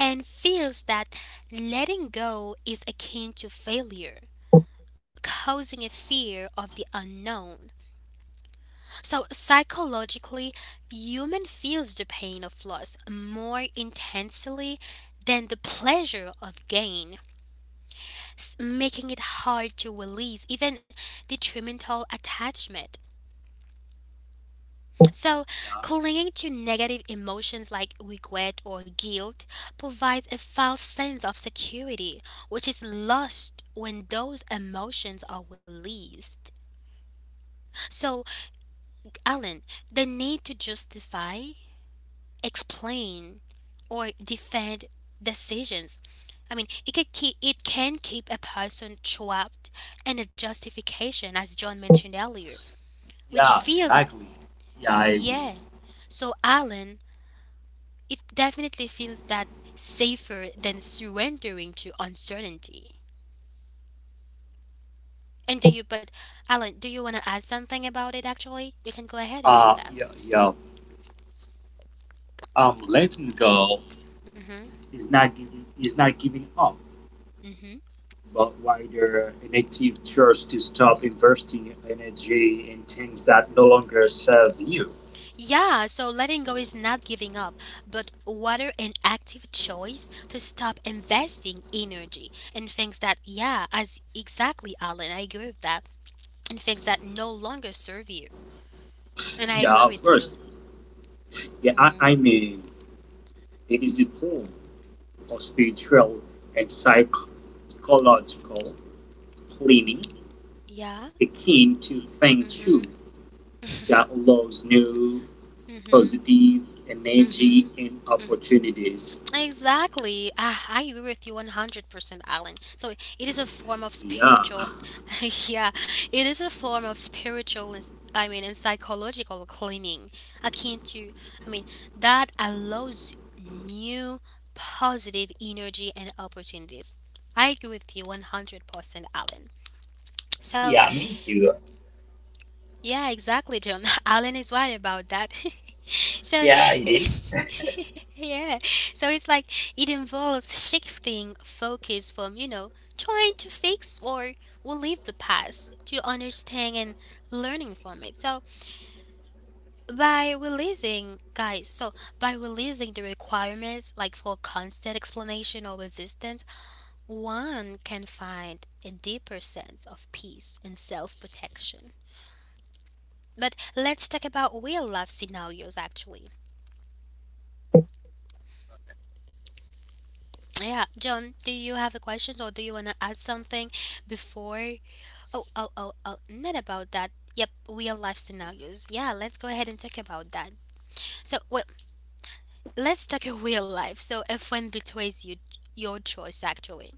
A: and feels that letting go is akin to failure, causing a fear of the unknown. So, psychologically, human feels the pain of loss more intensely than the pleasure of gain, making it hard to release even detrimental attachment. So, clinging to negative emotions like regret or guilt provides a false sense of security, which is lost when those emotions are released. So, Alan, the need to justify, explain, or defend decisions. I mean, it can keep a person trapped in a justification, as John mentioned earlier, which
C: Yeah,
A: feels,
C: exactly. Yeah, I agree.
A: yeah. So, Alan, it definitely feels that safer than surrendering to uncertainty. And do you, but Alan, do you want to add something about it actually? You can go ahead and
C: Uh,
A: do that.
C: yeah, yeah. Letting go
A: Mm hmm
C: is not giving up,
A: mm hmm
C: but rather an active choice to stop investing energy in things that no longer serve you.
A: Yeah, so letting go is not giving up, but rather an active choice to stop investing energy and things that, yeah, as exactly, Alan, I agree with that, and things that no longer serve you. And I
C: Yeah,
A: agree
C: of
A: with you.
C: course. Yeah,
A: Mm
C: I
A: hmm
C: mean, it is a form of spiritual and psychological cleaning
A: Yeah.
C: akin to
A: mm
C: Feng Shui
A: hmm
C: that allows new
A: mm hmm
C: positive
A: mm hmm
C: energy and opportunities.
A: Exactly. Ah, I agree with you 100%, Alan. So it is a form of
C: Yeah.
A: spiritual, yeah, it is a form of spiritual, and psychological cleaning akin to, I mean, that allows new positive energy and opportunities. I agree with you 100%, Alan. So
B: Yeah, me too.
A: yeah, exactly, John. Alan is right about that. so,
B: Yeah, it is.
A: yeah. So it's like it involves shifting focus from, trying to fix or relieve the past to understand and learning from it. So, by releasing, guys, so by releasing the requirements like for constant explanation or resistance, one can find a deeper sense of peace and self protection. But let's talk about real life scenarios actually. Yeah, John, do you have a question or do you want to add something before? Oh, not about that. Yep, real life scenarios. Yeah, let's go ahead and talk about that. So, well, let's talk a real life. So, a friend betrays you, your choice actually.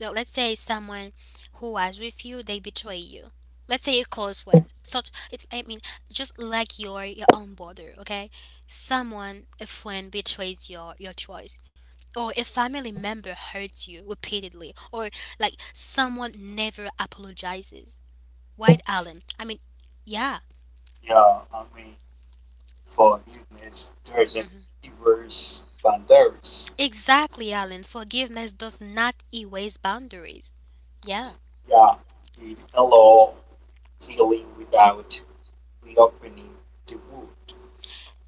A: Well, let's say someone who was with you, they betray you. Let's say a close friend. So it's I mean, just like your own brother, okay? Someone a friend betrays your choice. Or a family member hurts you repeatedly, or like someone never apologizes. White Allen. Yeah,
C: Yeah, I mean, for humans, there's an
A: hmm
C: errors boundaries.
A: exactly, Allen. Forgiveness does not erase boundaries. Yeah.
C: Yeah, it allow healing without reopening the wound.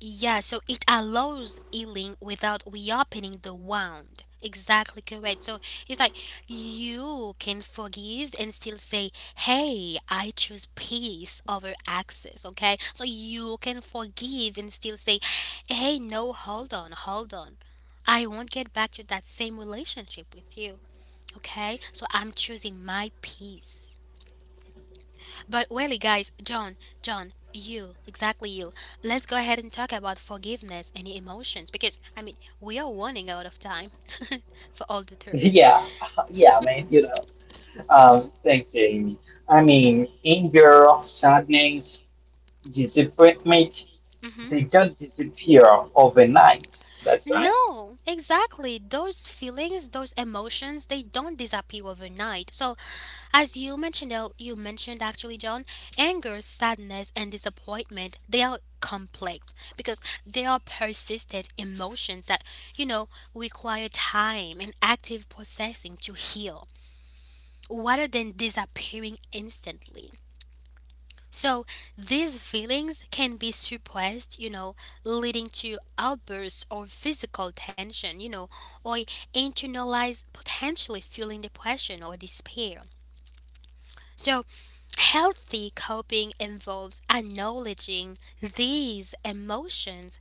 A: Yeah, so it allows healing without reopening the wound. Exactly correct. So it's like you can forgive and still say, hey, I choose peace over access. Okay. So you can forgive and still say, hey, no, hold on. I won't get back to that same relationship with you. Okay. So I'm choosing my peace. But really, guys, John, John, you, exactly you. let's go ahead and talk about forgiveness and emotions because I mean we are running out of time for all the terms.
B: Yeah, yeah, man, you know.
A: Mhm.
B: Thanks, Jamie. I
A: Mhm.
B: mean, anger, sadness, disappointment,
A: Mhm.
B: they don't disappear overnight. That's right.
A: No, exactly. Those feelings, those emotions, they don't disappear overnight. So as you mentioned actually, John, anger, sadness, and disappointment, they are complex because they are persistent emotions that, you know, require time and active processing to heal rather than disappearing instantly. So these feelings can be suppressed, leading to outbursts or physical tension, or internalized potentially fueling depression or despair. So healthy coping involves acknowledging these emotions,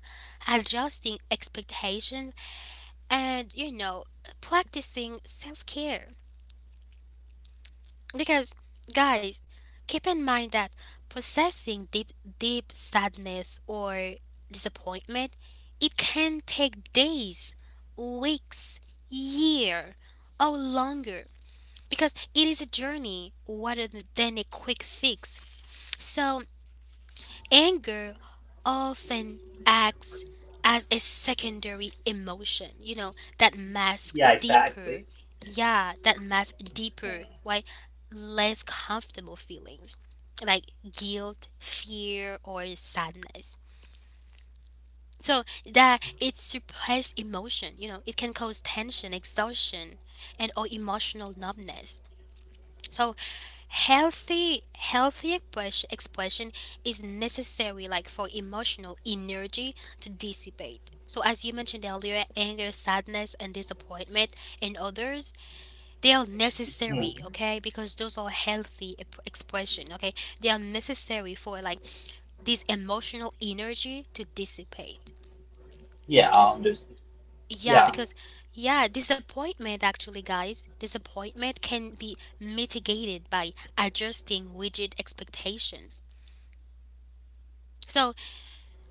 A: adjusting expectations, and practicing self care. Because, guys, keep in mind that processing deep sadness or disappointment, it can take days, weeks, year, or longer. Because it is a journey rather than a quick fix. So, anger often acts as a secondary emotion, that
B: Yeah,
A: masks deeper,
B: exactly.
A: yeah, that masks deeper, why less comfortable feelings like guilt, fear, or sadness. So that it suppressed emotion, it can cause tension, exhaustion, and or emotional numbness. So expression is necessary like for emotional energy to dissipate. So as you mentioned earlier, anger, sadness and disappointment and others, they are
B: Hmm.
A: necessary, okay? Because those are healthy expression, okay? They are necessary for like this emotional energy to dissipate.
B: Yeah, I
A: S-
B: understand.
A: Yeah,
B: Yeah,
A: because yeah, disappointment actually, guys, disappointment can be mitigated by adjusting rigid expectations. So,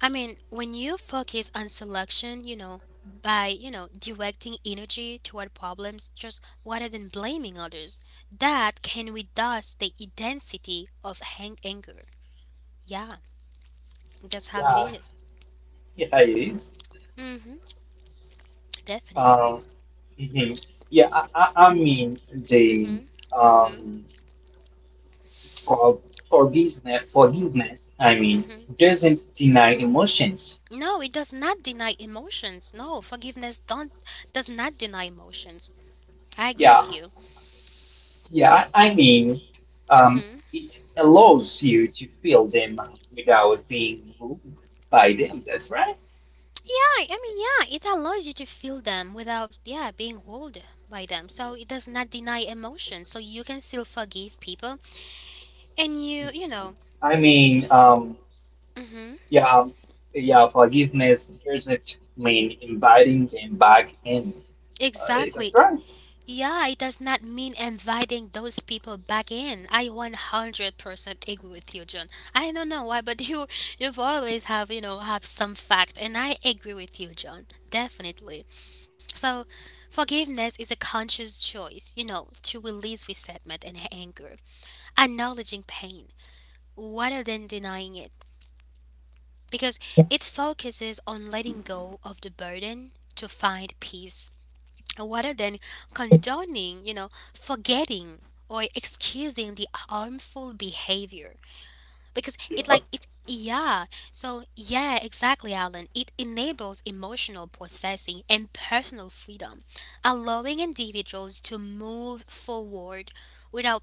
A: I mean, when you focus on selection, by directing energy toward problems just rather than blaming others, that can reduce the intensity of anger. Yeah, that's how it
B: yeah,
A: is.
B: yeah, it is.
A: Mm-hmm, definitely.
B: Um, mhm. Yeah, I, I, I mean the
A: Mm-hmm. Mm-hmm.
B: um for- Forgiveness, forgiveness
A: Mm-hmm.
B: doesn't deny emotions.
A: No, it does not deny emotions. No, forgiveness don't does not deny emotions. I agree
B: Yeah,
A: with you.
B: yeah. Um,
A: Mm-hmm.
B: it allows you to feel them without being moved by them. That's right.
A: Yeah, I mean, yeah, it allows you to feel them without, yeah, being ruled by them. So it does not deny emotion. So you can still forgive people, and
B: I mean, um,
A: hmm
B: yeah, um, yeah, forgiveness doesn't mean inviting them back in. That's
A: exactly.
B: right.
A: Yeah, it does not mean inviting those people back in. I 100% agree with you, John. I don't know why, but you, you've always have some fact, and I agree with you, John. Definitely. So, forgiveness is a conscious choice, to release resentment and anger, acknowledging pain rather than denying it, because it focuses on letting go of the burden to find peace rather than condoning, forgetting or excusing the harmful behavior because it
C: Yeah.
A: like it yeah so yeah exactly Alan, it enables emotional processing and personal freedom, allowing individuals to move forward without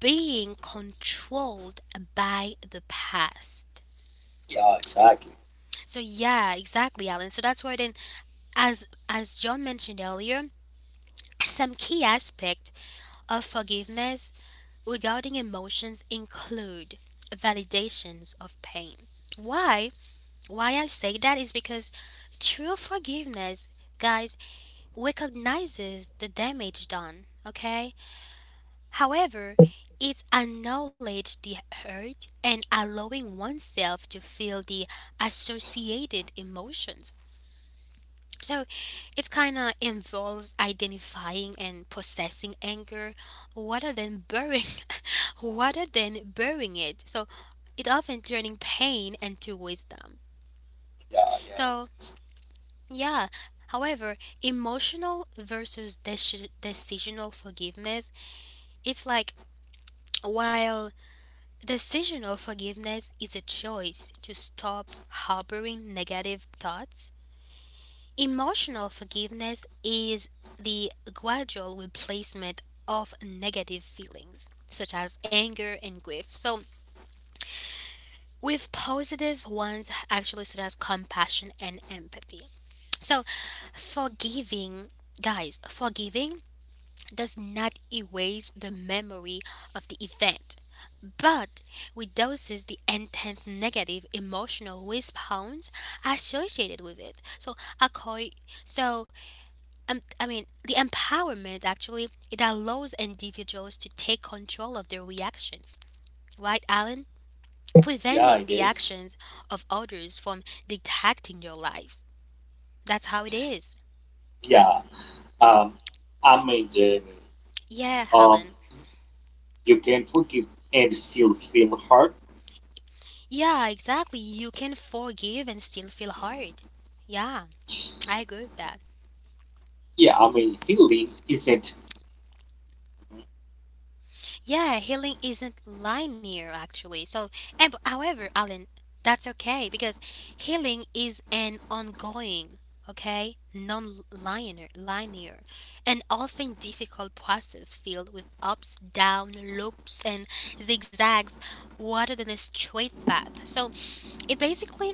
A: being controlled by the past.
C: Yeah,
A: S-
C: exactly.
A: So yeah, exactly, Alan. So that's why then, as John mentioned earlier, some key aspect of forgiveness regarding emotions include validations of pain. Why? Why I say that is because true forgiveness, guys, recognizes the damage done. Okay, however, it's acknowledging the hurt and allowing oneself to feel the associated emotions. So it kind of involves identifying and processing anger rather than burying rather than burying it. So it often turning pain into wisdom.
C: Uh,
A: So yeah, however, emotional versus decisional forgiveness, it's like while decisional forgiveness is a choice to stop harboring negative thoughts. Emotional forgiveness is the gradual replacement of negative feelings, such as anger and grief. So, with positive ones, actually, such as compassion and empathy. So, forgiving, forgiving does not erase the memory of the event, but reduces the intense negative emotional response associated with it. So, I acco- so I mean, the empowerment actually, it allows individuals to take control of their reactions. Right, Alan?
C: yeah,
A: Preventing
C: it
A: the
C: is.
A: actions of others from dictating your lives. That's how it is.
C: Yeah. Um, Jamie.
A: Yeah,
C: Um,
A: Alan.
C: you can forgive and still feel hurt.
A: Yeah, exactly. You can forgive and still feel hurt. Yeah, I agree with that.
C: Healing isn't.
A: Yeah, healing isn't linear actually. So, and, but however, Alan, that's okay because healing is an ongoing, okay, linear, and often difficult process filled with ups, downs, loops, and zigzags, rather than a straight path. So, it basically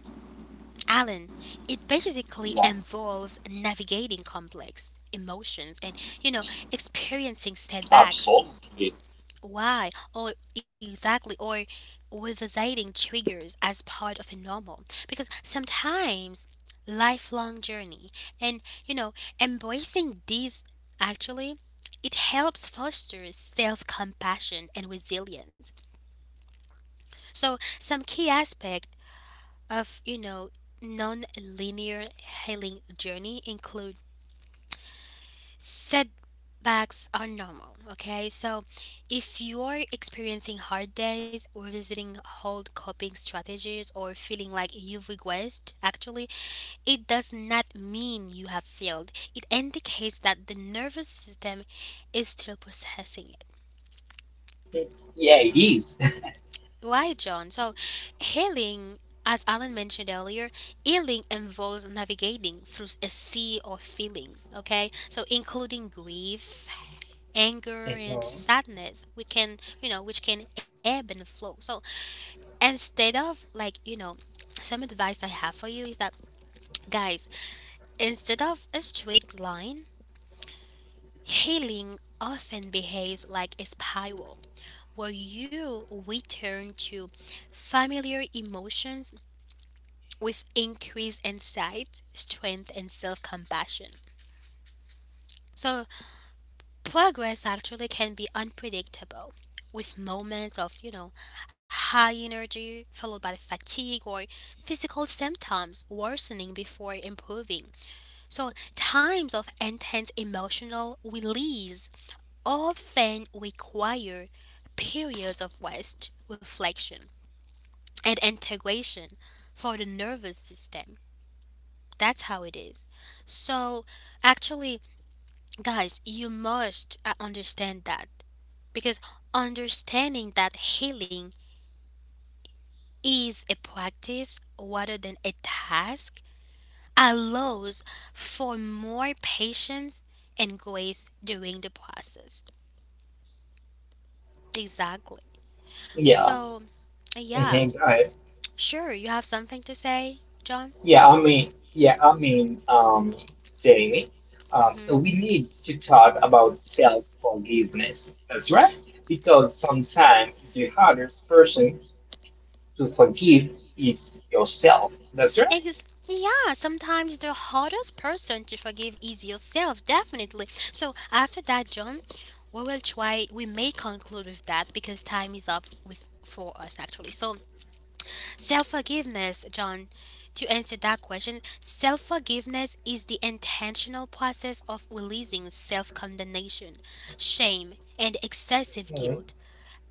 A: Alan, it basically
C: Yeah,
A: involves navigating complex emotions and, experiencing setbacks.
C: absolutely.
A: Why? Or exactly, or revisiting triggers as part of a normal. Because sometimes lifelong journey and, you know, embracing these actually, it helps foster self-compassion and resilience. So some key aspect of non-linear healing journey include setbacks are normal, okay? So if you're experiencing hard days or visiting old coping strategies or feeling like you've regressed actually, it does not mean you have failed. It indicates that the nervous system is still processing.
B: Yeah, it is.
A: Right, John. So, healing, as Alan mentioned earlier, healing involves navigating through a sea of feelings, okay? So, including grief, anger, and
B: Mhm.
A: sadness, which can, which can ebb and flow. So, instead of like, you know, some advice I have for you is that, guys, instead of a straight line, healing often behaves like a spiral where you return to familiar emotions with increased insight, strength, and self compassion. So, progress actually can be unpredictable with moments of, high energy followed by fatigue or physical symptoms worsening before improving. So, times of intense emotional release often require periods of rest, reflection, and integration for the nervous system. That's how it is. So, actually, guys, you must understand that because understanding that healing is a practice rather than a task allows for more patience and grace during the process. Exactly.
B: Yeah.
A: So, yeah,
B: Mhm, right.
A: sure, you have something to say, John?
B: Yeah, I mean, yeah, I mean, um, Jamie,
A: Mm-hmm.
B: we need to talk about self-forgiveness. That's right. Because sometimes the hardest person to forgive is yourself. That's right.
A: Yeah, sometimes the hardest person to forgive is yourself, definitely. So after that, John, we will try. We may conclude with that because time is up with for us actually. So self forgiveness, John. To answer that question, self forgiveness is the intentional process of releasing self condemnation, shame, and excessive guilt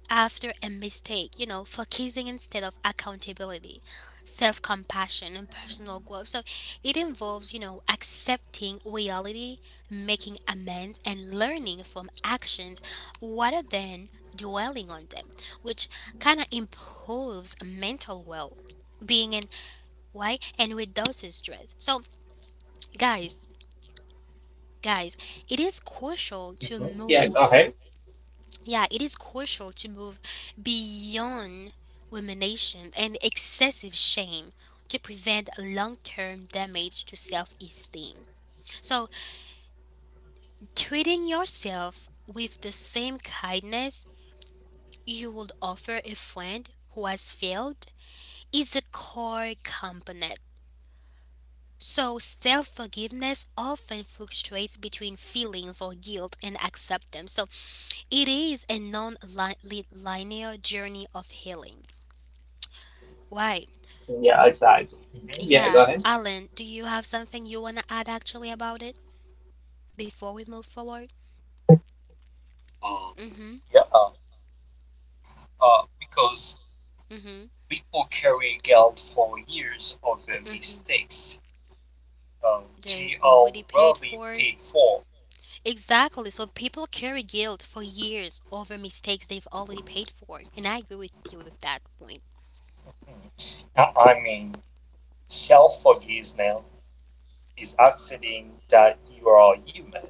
A: after a mistake, focusing instead of accountability, self compassion, and personal growth. So it involves, accepting reality, making amends, and learning from actions rather than dwelling on them, which kind of improves mental well being and why and reduces stress. So, guys, guys, it is crucial to
B: Mhm. Yeah, go
A: move.
B: ahead.
A: Yeah, it is crucial to move beyond rumination and excessive shame to prevent long term damage to self esteem. So, treating yourself with the same kindness you would offer a friend who has failed is a core component. So, self forgiveness often fluctuates between feelings or guilt and acceptance. So, it is a non linear journey of healing. Why?
B: Yeah, exactly. Mhm. Yeah,
A: Yeah,
B: go ahead.
A: Alan, do you have something you want to add actually about it before we move forward?
C: Um,
A: Mm-hmm.
C: yeah. Because
A: Mm-hmm.
C: people carry guilt for years of their
A: Mm-hmm.
C: mistakes
A: They've
C: TL
A: already paid
C: be
A: for.
C: paid for.
A: Exactly. So people carry guilt for years over mistakes they've already paid for. And I agree with you with that point.
C: I I mean, self now is accepting that you are human.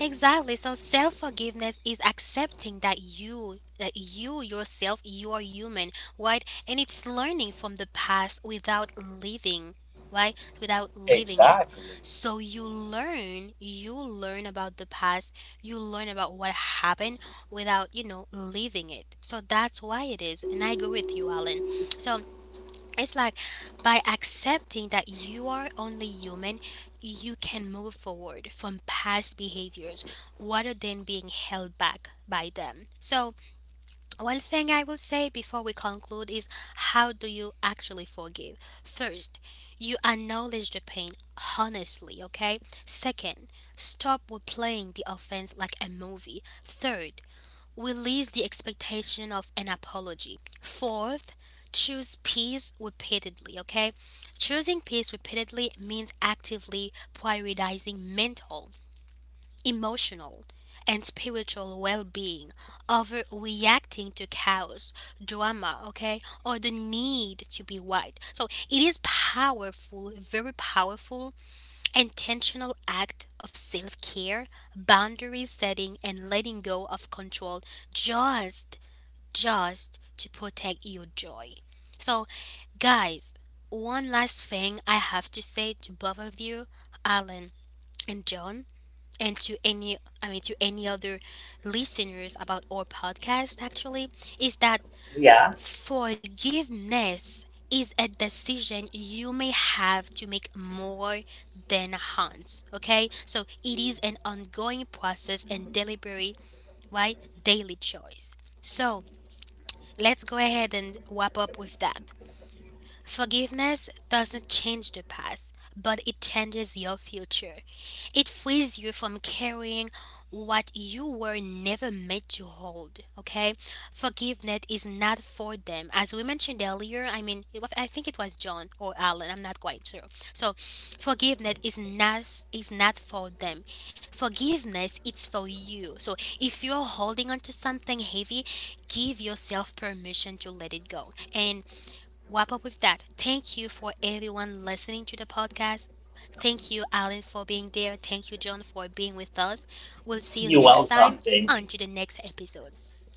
A: Exactly. So self forgiveness is accepting that you yourself you are human, right? And it's learning from the past without living, right, without living it.
C: Exactly.
A: So you learn about the past, you learn about what happened without living it. So that's why it is, and I agree with you, Alan. So it's like by accepting that you are only human, you can move forward from past behaviors rather than being held back by them. So, one thing I will say before we conclude is how do you actually forgive? First, you acknowledge the pain honestly, okay? Second, stop replaying the offense like a movie. Third, release the expectation of an apology. Fourth, choose peace repeatedly, okay? Choosing peace repeatedly means actively prioritizing mental, emotional, and spiritual well being over reacting to chaos, drama, okay, or the need to be right. So it is powerful, very powerful intentional act of self care, boundary setting, and letting go of control just, just to protect your joy. So, guys, one last thing I have to say to both of you, Alan and John, and to any, I mean, to any other listeners about our podcast actually, is that
B: Yeah,
A: forgiveness is a decision you may have to make more than once. Okay, so it is an ongoing process and deliberate, right, daily choice. So let's go ahead and wrap up with that. Forgiveness doesn't change the past, but it changes your future. It frees you from carrying what you were never meant to hold. Okay? Forgiveness is not for them. As we mentioned earlier, I mean, it was, I think it was John or Alan, I'm not quite sure. So, forgiveness is not, is not for them. Forgiveness it's for you. So, if you're holding on to something heavy, give yourself permission to let it go. And wrap up with that. Thank you for everyone listening to the podcast. Thank you, Alan, for being there. Thank you, John, for being with us. We'll see you
B: you're
A: next
B: welcome,
A: time.
B: Jamie.
A: On to the next episodes.